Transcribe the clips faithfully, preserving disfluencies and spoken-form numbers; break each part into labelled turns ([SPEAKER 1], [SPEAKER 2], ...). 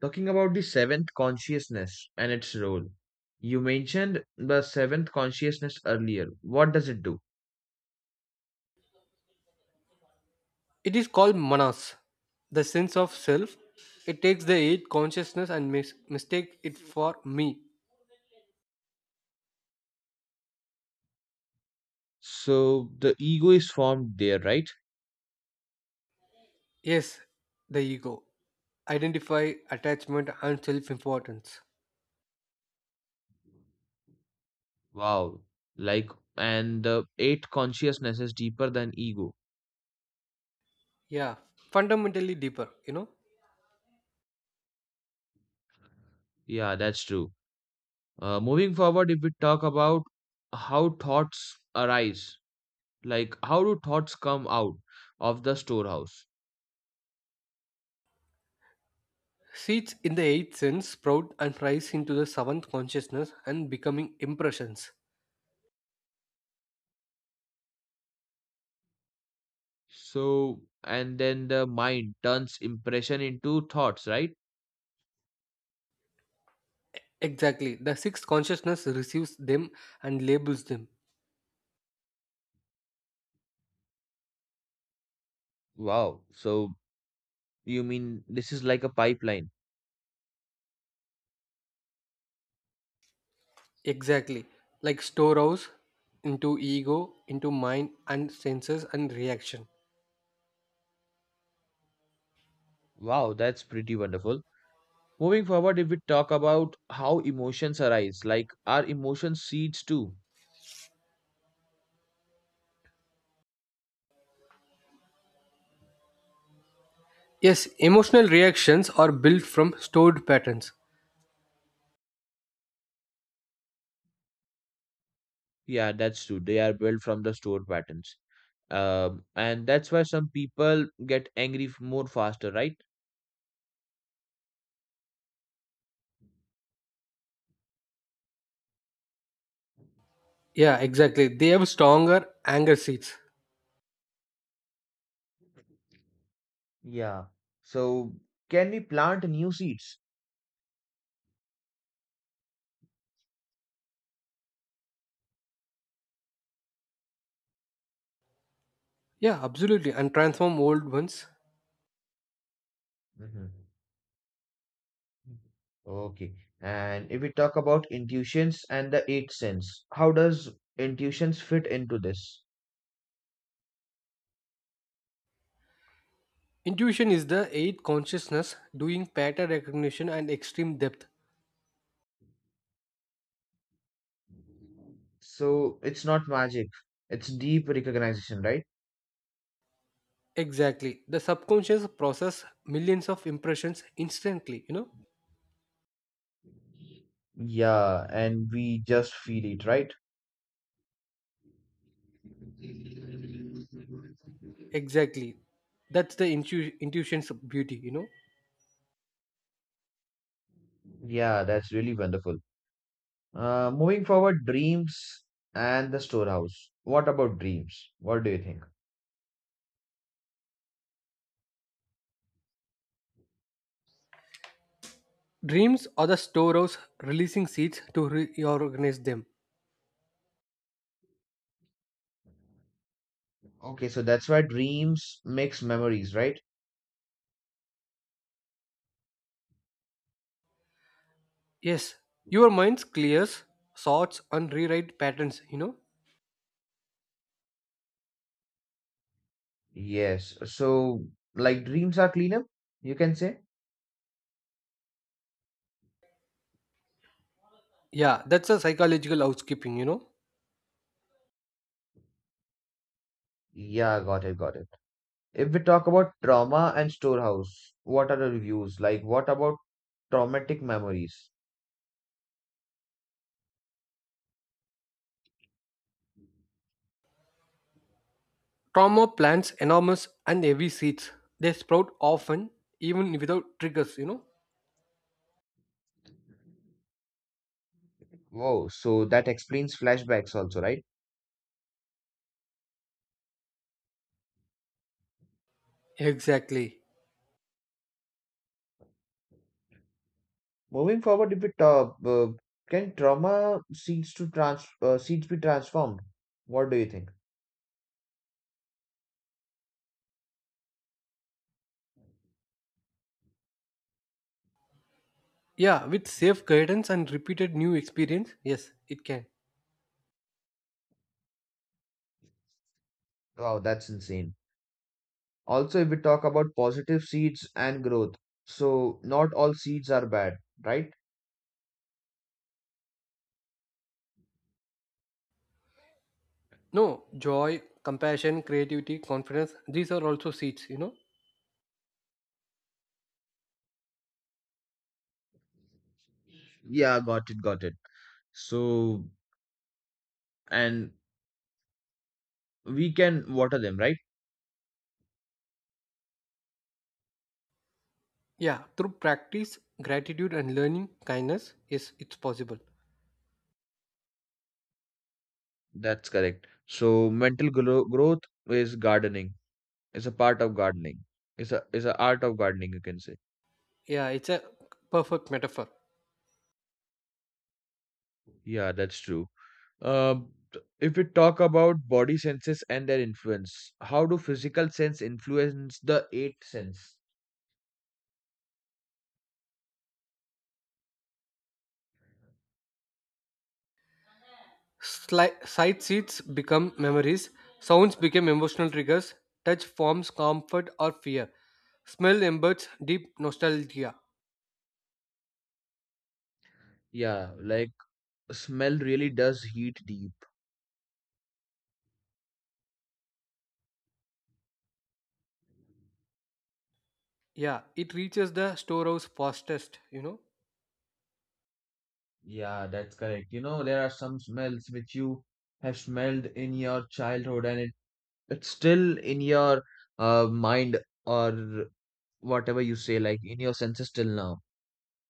[SPEAKER 1] Talking about the seventh consciousness and its role, you mentioned the seventh consciousness earlier. What does it do?
[SPEAKER 2] It is called manas, the sense of self. It takes the eight consciousness and mis- mistake it for me.
[SPEAKER 1] So the ego is formed there, right?
[SPEAKER 2] Yes, the ego. Identify attachment and self importance.
[SPEAKER 1] Wow. Like, and the eight consciousness is deeper than ego.
[SPEAKER 2] Yeah, fundamentally deeper, you know.
[SPEAKER 1] Yeah, that's true. Uh, moving forward, if we talk about how thoughts arise, like how do thoughts come out of the storehouse?
[SPEAKER 2] Seeds in the eighth sense sprout and rise into the seventh consciousness and becoming impressions.
[SPEAKER 1] So, and then the mind turns impression into thoughts, right?
[SPEAKER 2] Exactly, the sixth consciousness receives them and labels them.
[SPEAKER 1] Wow. So, you mean this is like a pipeline?
[SPEAKER 2] Exactly. Like storehouse into ego, into mind and senses and reaction.
[SPEAKER 1] Wow, that's pretty wonderful. Moving forward, if we talk about how emotions arise, like are emotions seeds too?
[SPEAKER 2] Yes, emotional reactions are built from stored patterns.
[SPEAKER 1] Yeah, that's true. They are built from the stored patterns. Um, and that's why some people get angry f- more faster, right?
[SPEAKER 2] Yeah, exactly. They have stronger anger seats.
[SPEAKER 1] Yeah. So, can we plant new seeds?
[SPEAKER 2] Yeah, absolutely. And transform old ones.
[SPEAKER 1] Hmm. Okay. And if we talk about intuitions and the eighth sense, how does intuitions fit into this?
[SPEAKER 2] Intuition is the eighth consciousness doing pattern recognition and extreme depth.
[SPEAKER 1] So it's not magic. It's deep recognition, right?
[SPEAKER 2] Exactly. The subconscious process millions of impressions instantly, you know?
[SPEAKER 1] Yeah, and we just feel it, right?
[SPEAKER 2] Exactly. That's the intu- intuition's beauty, you know?
[SPEAKER 1] Yeah, that's really wonderful. Uh, moving forward, dreams and the storehouse. What about dreams? What do you think?
[SPEAKER 2] Dreams are the storehouse releasing seeds to reorganize them.
[SPEAKER 1] Okay, so that's why dreams makes memories, right?
[SPEAKER 2] Yes, your mind clears, sorts, and rewrite patterns, you know?
[SPEAKER 1] Yes, so like dreams are cleaner, you can say?
[SPEAKER 2] Yeah, that's a psychological housekeeping, you know?
[SPEAKER 1] Yeah, got it, got it. If we talk about trauma and storehouse, what are the reviews? Like, what about traumatic memories?
[SPEAKER 2] Trauma plants enormous and heavy seeds. They sprout often, even without triggers, you know?
[SPEAKER 1] Wow, so that explains flashbacks also, right?
[SPEAKER 2] Exactly.
[SPEAKER 1] Moving forward, if it uh, uh, can trauma seeds to trans uh, seeds be transformed? What do you think?
[SPEAKER 2] Yeah, with safe guidance and repeated new experience, yes, it can.
[SPEAKER 1] Wow, that's insane. Also, if we talk about positive seeds and growth, so not all seeds are bad, right?
[SPEAKER 2] No, joy, compassion, creativity, confidence, these are also seeds, you know?
[SPEAKER 1] Yeah, got it, got it. So, and we can water them, right?
[SPEAKER 2] Yeah, through practice, gratitude, and learning kindness, yes, it's possible.
[SPEAKER 1] That's correct. So, mental grow growth is gardening. It's a part of gardening. It's a it's a art of gardening, you can say.
[SPEAKER 2] Yeah, it's a perfect metaphor.
[SPEAKER 1] Yeah, that's true. Uh, if we talk about body senses and their influence, how do physical sense influence the eighth sense?
[SPEAKER 2] Sli- sight seeds become memories, sounds become emotional triggers, touch forms comfort or fear, smell embeds deep nostalgia.
[SPEAKER 1] Yeah, like smell really does heat deep.
[SPEAKER 2] Yeah, it reaches the storehouse fastest, you know.
[SPEAKER 1] Yeah, that's correct. You know, there are some smells which you have smelled in your childhood and it, it's still in your uh, mind or whatever you say, like in your senses till now.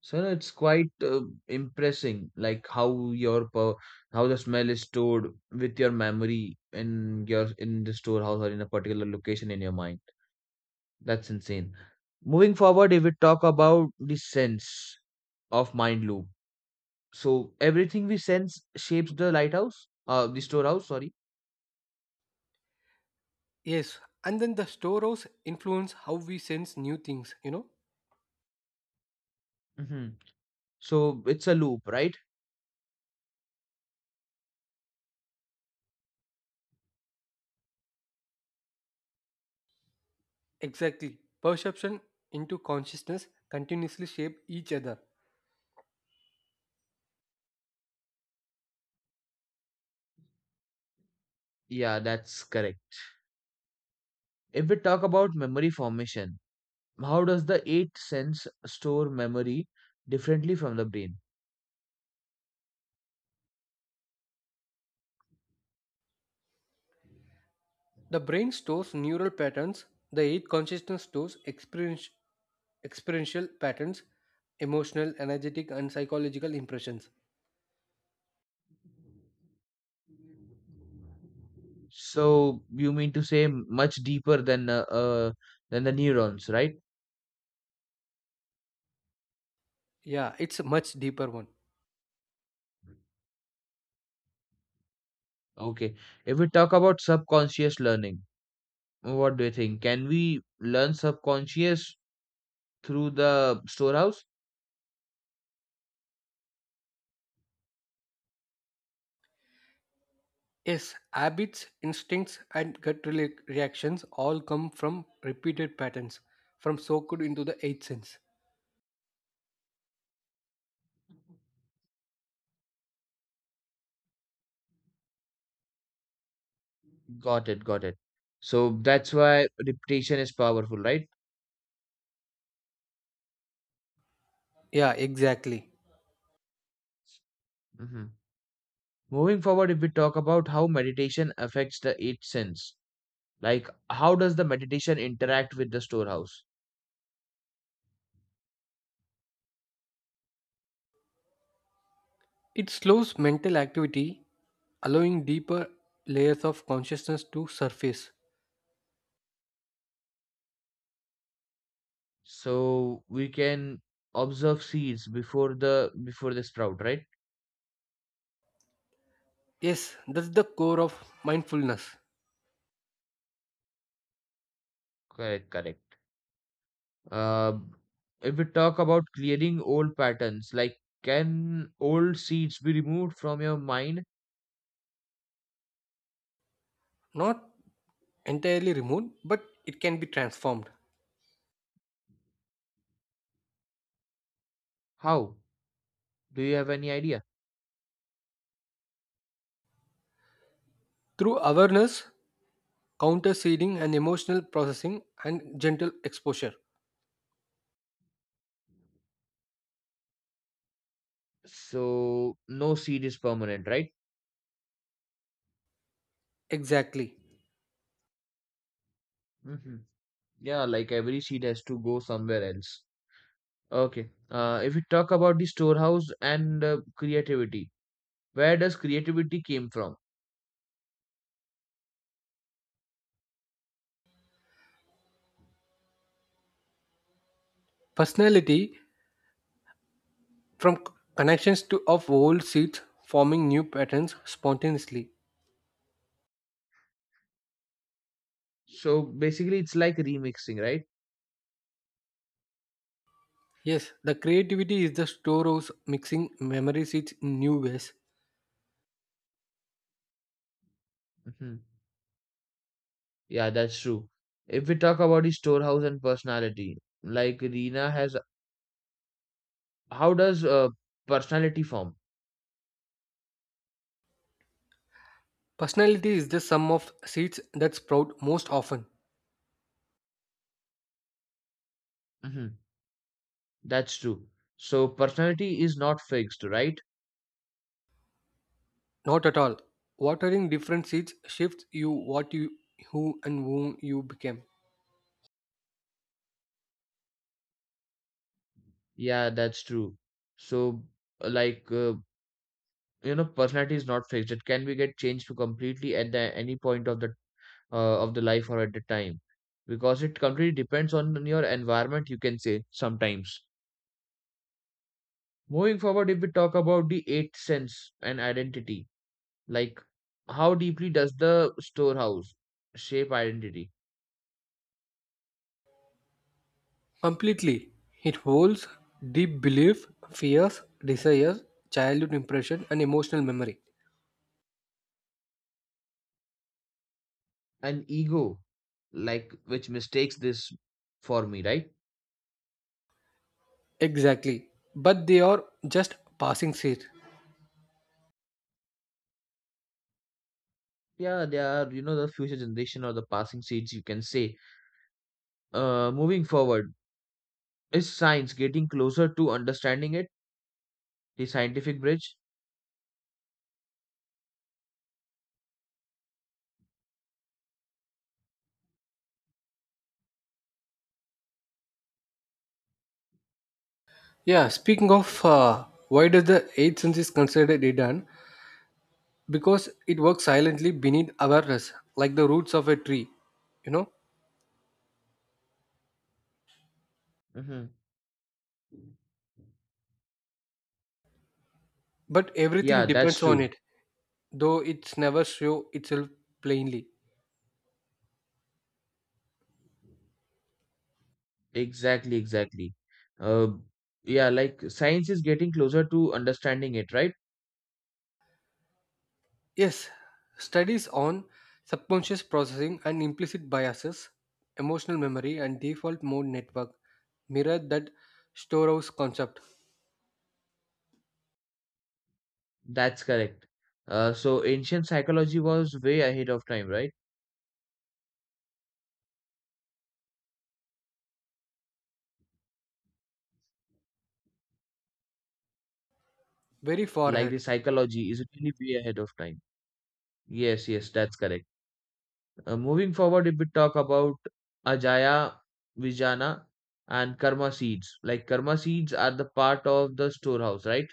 [SPEAKER 1] So it's quite uh, impressing, like how your per- how the smell is stored with your memory in your in the storehouse or in a particular location in your mind. That's insane. Moving forward, if we talk about the sense of mind loop, so everything we sense shapes the lighthouse, uh, the storehouse. Sorry.
[SPEAKER 2] Yes, and then the storehouse influence how we sense new things, you know.
[SPEAKER 1] Hmm. So it's a loop, right?
[SPEAKER 2] Exactly. Perception into consciousness continuously shape each other.
[SPEAKER 1] Yeah, that's correct. If we talk about memory formation, how does the eighth sense store memory differently from the brain?
[SPEAKER 2] The brain stores neural patterns, the eighth consciousness stores experience, experiential patterns, emotional, energetic, and psychological impressions.
[SPEAKER 1] So you mean to say much deeper than uh, uh, than the neurons, right?
[SPEAKER 2] Yeah, it's a much deeper one.
[SPEAKER 1] Okay. If we talk about subconscious learning, what do you think? Can we learn subconscious through the storehouse?
[SPEAKER 2] Yes, habits, instincts, and gut rela- reactions all come from repeated patterns, from soaked into the eighth sense.
[SPEAKER 1] Got it, got it. So that's why repetition is powerful, right?
[SPEAKER 2] Yeah, exactly.
[SPEAKER 1] Hmm. Moving forward, if we talk about how meditation affects the eight sense, like how does the meditation interact with the storehouse?
[SPEAKER 2] It slows mental activity, allowing deeper layers of consciousness to surface.
[SPEAKER 1] So we can observe seeds before the before they sprout, right?
[SPEAKER 2] Yes, that's the core of mindfulness.
[SPEAKER 1] Correct, correct. Uh, if we talk about clearing old patterns, like can old seeds be removed from your mind?
[SPEAKER 2] Not entirely removed, but it can be transformed
[SPEAKER 1] How? Do you have any idea?
[SPEAKER 2] through awareness, counter seeding, and emotional processing and gentle exposure.
[SPEAKER 1] So, no seed is permanent, right?
[SPEAKER 2] Exactly.
[SPEAKER 1] Hmm. Yeah, like every seed has to go somewhere else. Okay. Uh, if we talk about the storehouse and uh, creativity, where does creativity came from?
[SPEAKER 2] Personality from c- connections to of old seeds forming new patterns spontaneously.
[SPEAKER 1] So basically, it's like remixing, right?
[SPEAKER 2] Yes, the creativity is the storehouse mixing memory seeds in new ways.
[SPEAKER 1] Hmm. Yeah, that's true. If we talk about the storehouse and personality, like Reena has, how does uh, personality form?
[SPEAKER 2] Personality is the sum of seeds that sprout most often.
[SPEAKER 1] Hmm. That's true. So personality is not fixed, right?
[SPEAKER 2] Not at all. Watering different seeds shifts you what you who and whom you became.
[SPEAKER 1] Yeah, that's true. So, like, uh, you know, personality is not fixed. It can be get changed to completely at the any point of the uh, of the life or at the time, because it completely depends on your environment. You can say sometimes. Moving forward, if we talk about the eighth sense and identity, like, how deeply does the storehouse shape identity
[SPEAKER 2] Completely. It holds deep belief, fears, desires, childhood impression, and emotional memory.
[SPEAKER 1] and ego, like, which mistakes this for me, right?
[SPEAKER 2] Exactly. But they are just passing seeds.
[SPEAKER 1] Yeah, they are, you know, the future generation or the passing seeds, you can say. Uh, moving forward, is science getting closer to understanding it? The scientific bridge?
[SPEAKER 2] Yeah, speaking of uh, why does the eighth sense is considered hidden? Because it works silently beneath awareness, like the roots of a tree, you know?
[SPEAKER 1] Hmm.
[SPEAKER 2] But
[SPEAKER 1] Yeah,
[SPEAKER 2] everything
[SPEAKER 1] that's
[SPEAKER 2] depends on
[SPEAKER 1] true.
[SPEAKER 2] it, though it's never show itself plainly.
[SPEAKER 1] Exactly, exactly. Uh, yeah, like science is getting closer to understanding it, right?
[SPEAKER 2] Yes, studies on subconscious processing and implicit biases, emotional memory, and default mode network mirror that storehouse concept
[SPEAKER 1] That's correct. Uh, so ancient psychology was way ahead of time, right?
[SPEAKER 2] very far
[SPEAKER 1] Like the
[SPEAKER 2] ahead.
[SPEAKER 1] psychology is really way ahead of time. Yes, yes, that's correct. Uh, moving forward, if we talk about Ajaya, Vijana, and Karma seeds, like Karma seeds are the part of the storehouse, right?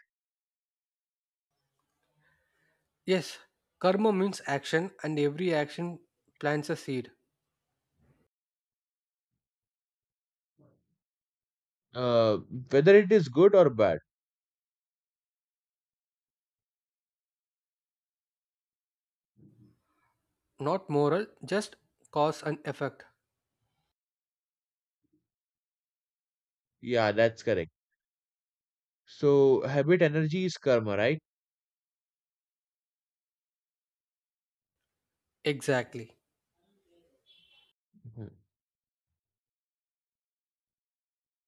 [SPEAKER 2] Yes, karma means action, and every action plants a seed,
[SPEAKER 1] Uh, Whether it is good or bad.
[SPEAKER 2] not moral, just cause and effect.
[SPEAKER 1] Yeah, that's correct. So, habit energy is karma, right?
[SPEAKER 2] Exactly.
[SPEAKER 1] Mhm.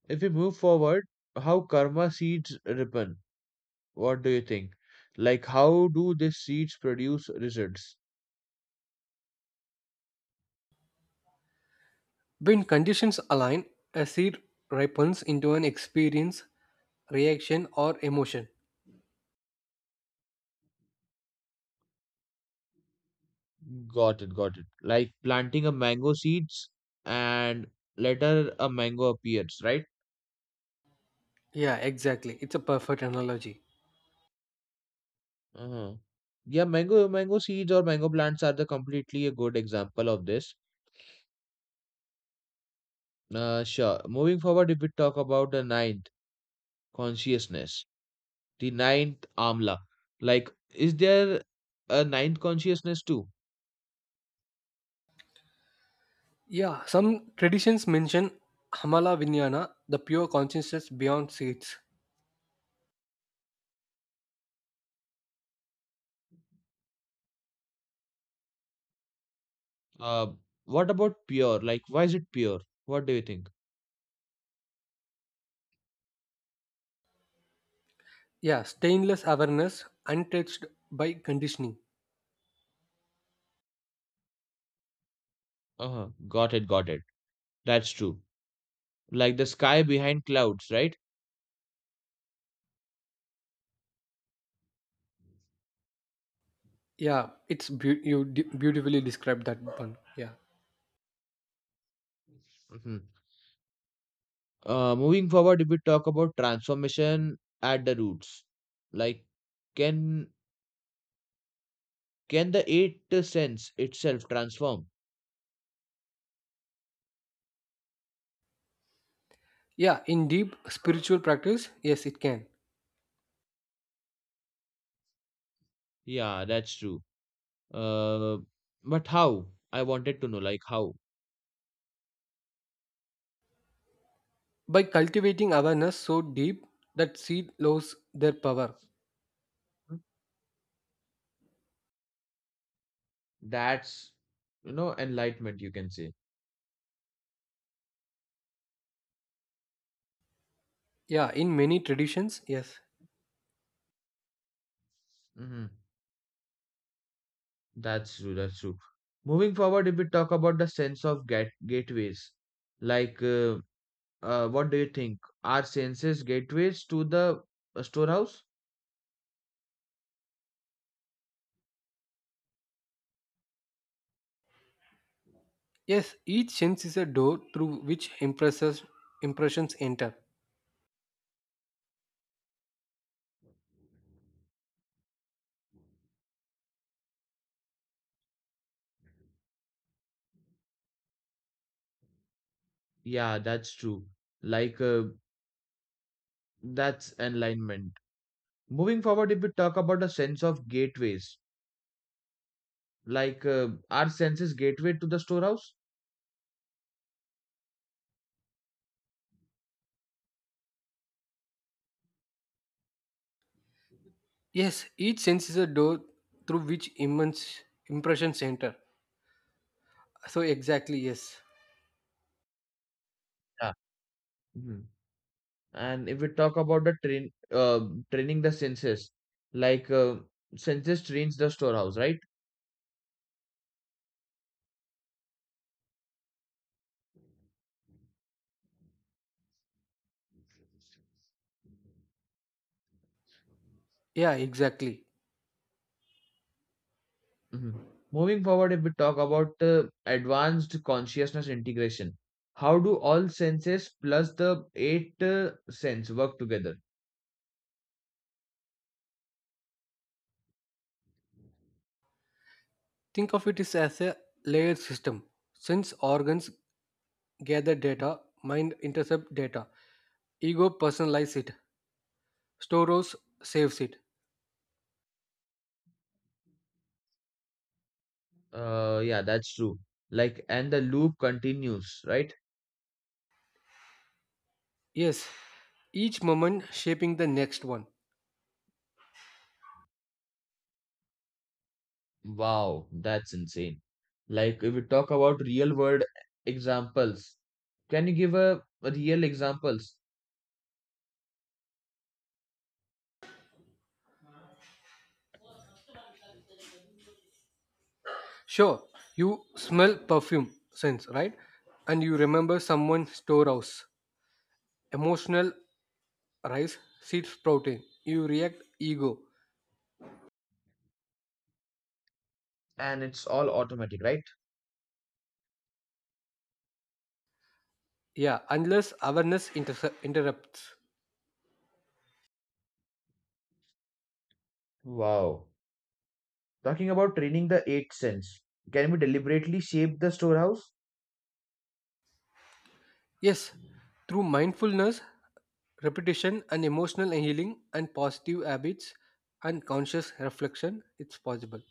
[SPEAKER 1] If we move forward, how karma seeds ripen? What do you think? Like, how do these seeds produce results?
[SPEAKER 2] When conditions align, a seed ripens into an experience, reaction, or emotion.
[SPEAKER 1] Got it, got it. Like planting a mango seeds and later a mango appears, right?
[SPEAKER 2] Yeah, exactly. It's a perfect analogy.
[SPEAKER 1] Uh-huh. Yeah, mango mango seeds or mango plants are the completely a good example of this. Uh, sure. Moving forward, if we talk about the ninth consciousness, the ninth amla, like is there a ninth consciousness too?
[SPEAKER 2] Yeah, some traditions mention Hamala Vinyana, the pure consciousness beyond seeds.
[SPEAKER 1] Uh, what about pure? Like, why is it pure? What do you think?
[SPEAKER 2] Yeah, stainless awareness, untouched by conditioning.
[SPEAKER 1] Uh-huh. Got it, got it. That's true. Like the sky behind clouds, right?
[SPEAKER 2] Yeah, it's beau- you d- beautifully described that one. Yeah.
[SPEAKER 1] Mhm. Uh, moving forward, if we talk about transformation at the roots, like can can the eight sense itself transform?
[SPEAKER 2] Yeah, in deep spiritual practice, yes, it can.
[SPEAKER 1] Yeah, that's true. Uh, but how? I wanted to know, like how?
[SPEAKER 2] By cultivating awareness so deep that seed loses their power.
[SPEAKER 1] That's you know enlightenment, you can say.
[SPEAKER 2] Yeah, in many traditions, yes.
[SPEAKER 1] Hmm. That's true. That's true. Moving forward, if we talk about the sense of gate gateways, like uh, uh, what do you think? Are senses gateways to the uh, storehouse?
[SPEAKER 2] Yes, each sense is a door through which impresses, impressions enter.
[SPEAKER 1] Yeah, that's true. Like, uh, that's enlightenment. Moving forward, if we talk about the sense of gateways, like uh, our senses gateway to the storehouse.
[SPEAKER 2] Yes, each sense is a door through which immense impressions enter. So exactly, yes.
[SPEAKER 1] Yeah. Mhm. And if we talk about the train, uh, training the senses, like uh, senses trains the storehouse, right?
[SPEAKER 2] Yeah, exactly.
[SPEAKER 1] Mhm. Moving forward, if we talk about uh, advanced consciousness integration, how do all senses plus the eight uh, sense work together?
[SPEAKER 2] Think of it is as a layered system. Sense organs gather data, mind intercept data, ego personalize it, stores saves it.
[SPEAKER 1] Uh, yeah, that's true. Like, and the loop continues, right?
[SPEAKER 2] Yes, each moment shaping the next one.
[SPEAKER 1] Wow, that's insane. Like, if we talk about real world examples, can you give a, a real examples?
[SPEAKER 2] Sure, you smell perfume sense, right? And you remember someone's storehouse. Emotional rise, seed sprouting. You react ego.
[SPEAKER 1] And it's all automatic, right?
[SPEAKER 2] Yeah, unless awareness inter- interrupts.
[SPEAKER 1] Wow. Talking about training the eight sense, can we deliberately shape the storehouse?
[SPEAKER 2] Yes, through mindfulness, repetition, and emotional healing, and positive habits, and conscious reflection, it's possible.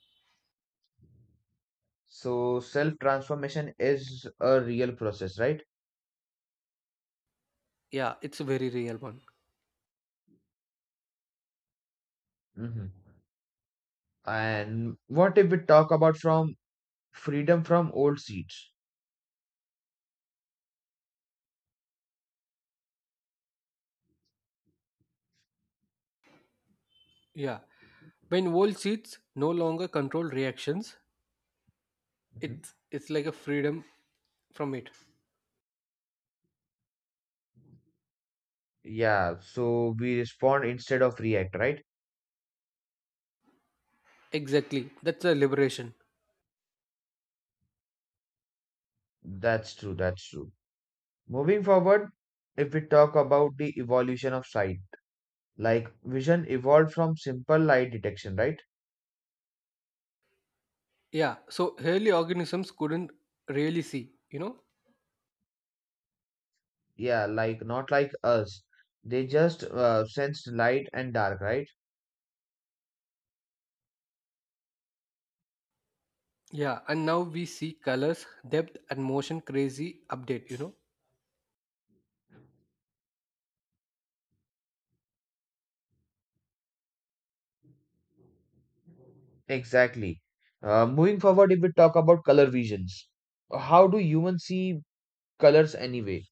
[SPEAKER 1] So, self transformation is a real process, right?
[SPEAKER 2] Yeah, it's a very real one.
[SPEAKER 1] Hmm. And what if we talk about from freedom from old seeds?
[SPEAKER 2] Yeah, when old seeds no longer control reactions,
[SPEAKER 1] Mm-hmm.
[SPEAKER 2] it's it's like a freedom from it.
[SPEAKER 1] Yeah, so we respond instead of react, right?
[SPEAKER 2] Exactly, that's a liberation.
[SPEAKER 1] That's true, that's true. Moving forward, if we talk about the evolution of sight, like vision evolved from simple light detection, right?
[SPEAKER 2] Yeah, so early organisms couldn't really see, you know.
[SPEAKER 1] Yeah, like not like us. They just uh, sensed light and dark, right?
[SPEAKER 2] Yeah, and now we see colors, depth, and motion. Crazy update, you know.
[SPEAKER 1] Exactly. Uh, moving forward, if we talk about color visions, how do humans see colors anyway?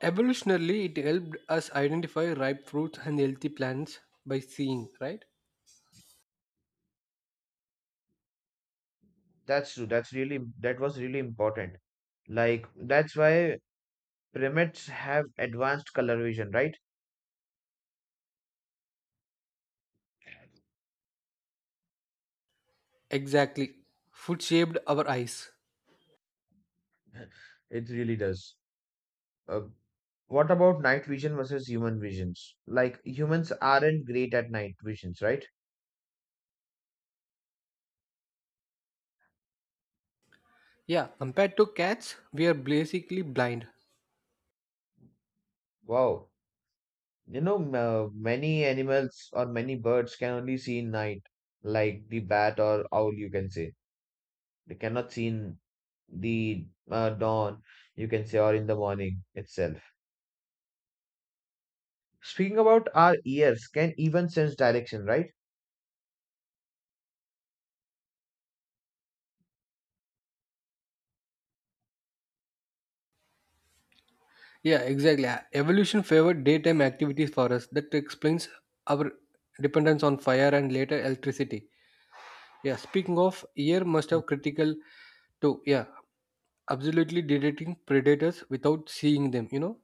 [SPEAKER 2] Evolutionarily, it helped us identify ripe fruits and healthy plants by seeing, right?
[SPEAKER 1] That's true. That's really that was really important. Like that's why primates have advanced color vision, right?
[SPEAKER 2] Exactly. Food shaped our eyes.
[SPEAKER 1] It really does. Uh, What about night vision versus human visions? Like humans aren't great at night visions, right?
[SPEAKER 2] Yeah, compared to cats, we are basically blind.
[SPEAKER 1] Wow. You know, m- uh, many animals or many birds can only see in night, like the bat or owl, you can say. They cannot see in the uh, dawn, you can say, or in the morning itself. Speaking about our ears, can even sense direction, right?
[SPEAKER 2] Yeah, exactly. Uh, Evolution favored daytime activities for us. That explains our dependence on fire and later electricity. Yeah, speaking of, ear must have critical to, yeah, absolutely detecting predators without seeing them, you know?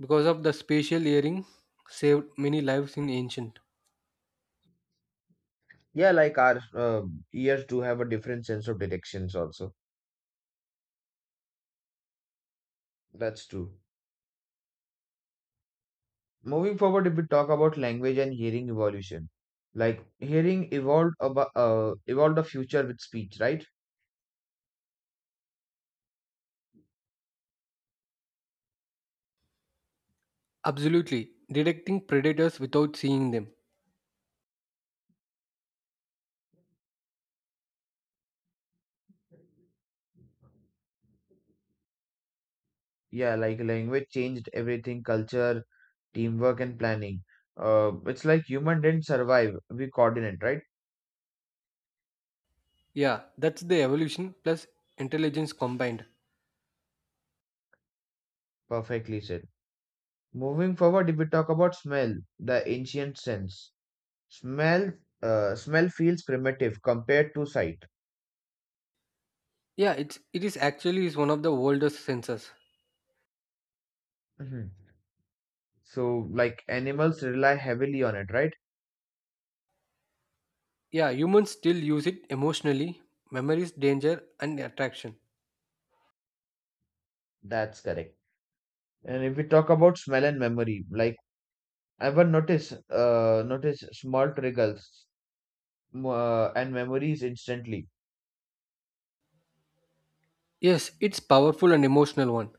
[SPEAKER 2] Because of the spatial hearing saved many lives in ancient.
[SPEAKER 1] Yeah, like our uh, ears do have a different sense of directions. Also. That's true. Moving forward, if we talk about language and hearing evolution, like hearing evolved about uh, evolved the future with speech, right?
[SPEAKER 2] Absolutely. Detecting predators without seeing them.
[SPEAKER 1] Yeah, like language changed everything, culture, teamwork, and planning. Uh, it's like human didn't survive, we coordinate, right?
[SPEAKER 2] Yeah, that's the evolution plus intelligence combined.
[SPEAKER 1] Perfectly said. Moving forward, if we talk about smell, the ancient sense, smell, uh, smell feels primitive compared to sight.
[SPEAKER 2] Yeah, it's it is actually is one of the oldest senses.
[SPEAKER 1] Mhm. So, like animals rely heavily on it, right?
[SPEAKER 2] Yeah, humans still use it emotionally, memories, danger and attraction.
[SPEAKER 1] That's correct. And if we talk about smell and memory, like ever notice, uh, notice small triggers m- uh, and memories instantly.
[SPEAKER 2] Yes, it's powerful and emotional one.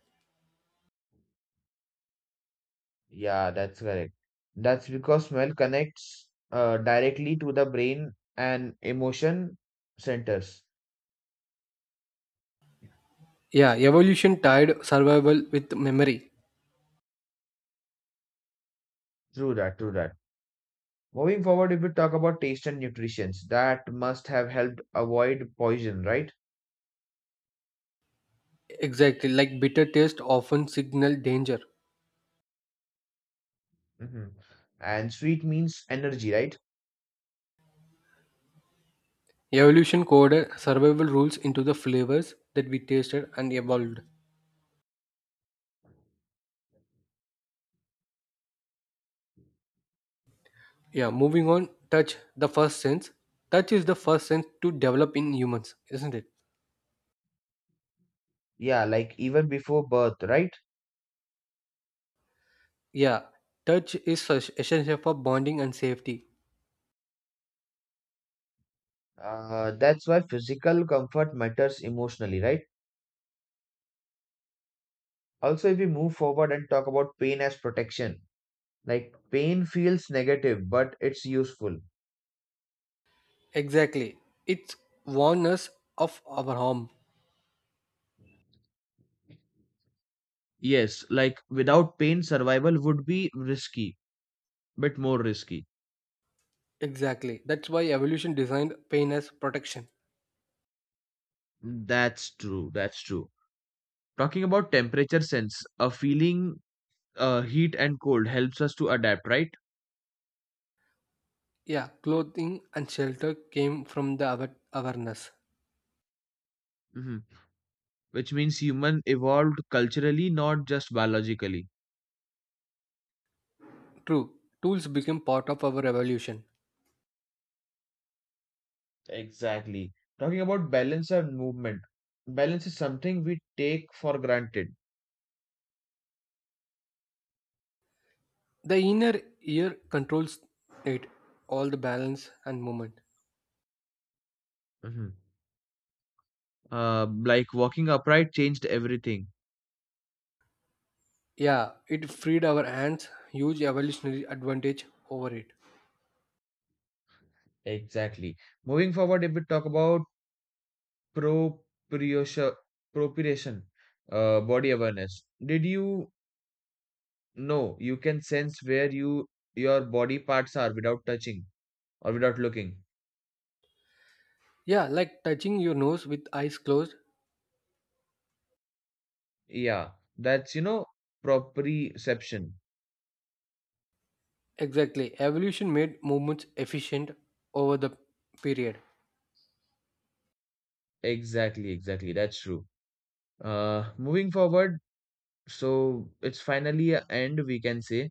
[SPEAKER 1] Yeah, that's correct. That's because smell connects uh, directly to the brain and emotion centers.
[SPEAKER 2] Yeah, evolution tied survival with memory.
[SPEAKER 1] True that, true that. Moving forward, if we talk about taste and nutrition, that must have helped avoid poison, right?
[SPEAKER 2] Exactly, like bitter taste often signal danger.
[SPEAKER 1] Hmm. And sweet means energy, right?
[SPEAKER 2] Evolution coded survival rules into the flavors that we tasted and evolved. Yeah, moving on, touch, the first sense. Touch is the first sense to develop in humans, isn't it?
[SPEAKER 1] Yeah, like even before birth, right?
[SPEAKER 2] Yeah, touch is es- essential for bonding and safety.
[SPEAKER 1] Uh, that's why physical comfort matters emotionally, right? Also, if we move forward and talk about pain as protection, like pain feels negative, but it's useful.
[SPEAKER 2] Exactly. It's warns us of our harm.
[SPEAKER 1] Yes, like without pain, survival would be risky, bit more risky.
[SPEAKER 2] Exactly. That's why evolution designed pain as protection.
[SPEAKER 1] That's true, that's true. Talking about temperature sense, a feeling uh, heat and cold helps us to adapt, right?
[SPEAKER 2] Yeah, clothing and shelter came from the awa- awareness.
[SPEAKER 1] Hmm. Which means human evolved culturally, not just biologically.
[SPEAKER 2] True, tools became part of our evolution.
[SPEAKER 1] Exactly. Talking about balance and movement, balance is something we take for granted.
[SPEAKER 2] The inner ear controls it, all the balance and movement.
[SPEAKER 1] Mhm. Uh, like walking upright changed everything.
[SPEAKER 2] Yeah, it freed our hands, huge evolutionary advantage over it.
[SPEAKER 1] Exactly. Moving forward, if we talk about proprioce- proprioception, uh, body awareness, did you know you can sense where you your body parts are without touching or without looking?
[SPEAKER 2] Yeah, like touching your nose with eyes closed.
[SPEAKER 1] Yeah, that's you know proprioception.
[SPEAKER 2] Exactly. Evolution made movements efficient over the period.
[SPEAKER 1] Exactly, exactly. That's true. Uh, moving forward, so it's finally a end, we can say.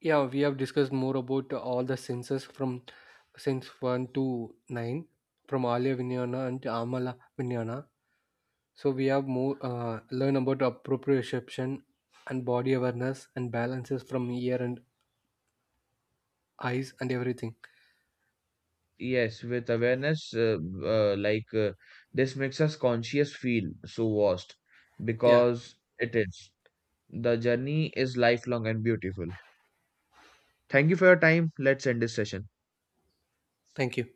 [SPEAKER 2] Yeah, we have discussed more about all the senses from sense one to nine from Alya Vinyana and Amala Vinyana. So we have more uh, learn about approprioception and body awareness and balances from ear and eyes and everything.
[SPEAKER 1] Yes, with awareness, uh, uh, like uh, this makes us conscious feel so vast
[SPEAKER 2] Yeah,
[SPEAKER 1] because it is. The journey is lifelong and beautiful. Thank you for your time. Let's end this session.
[SPEAKER 2] thank you.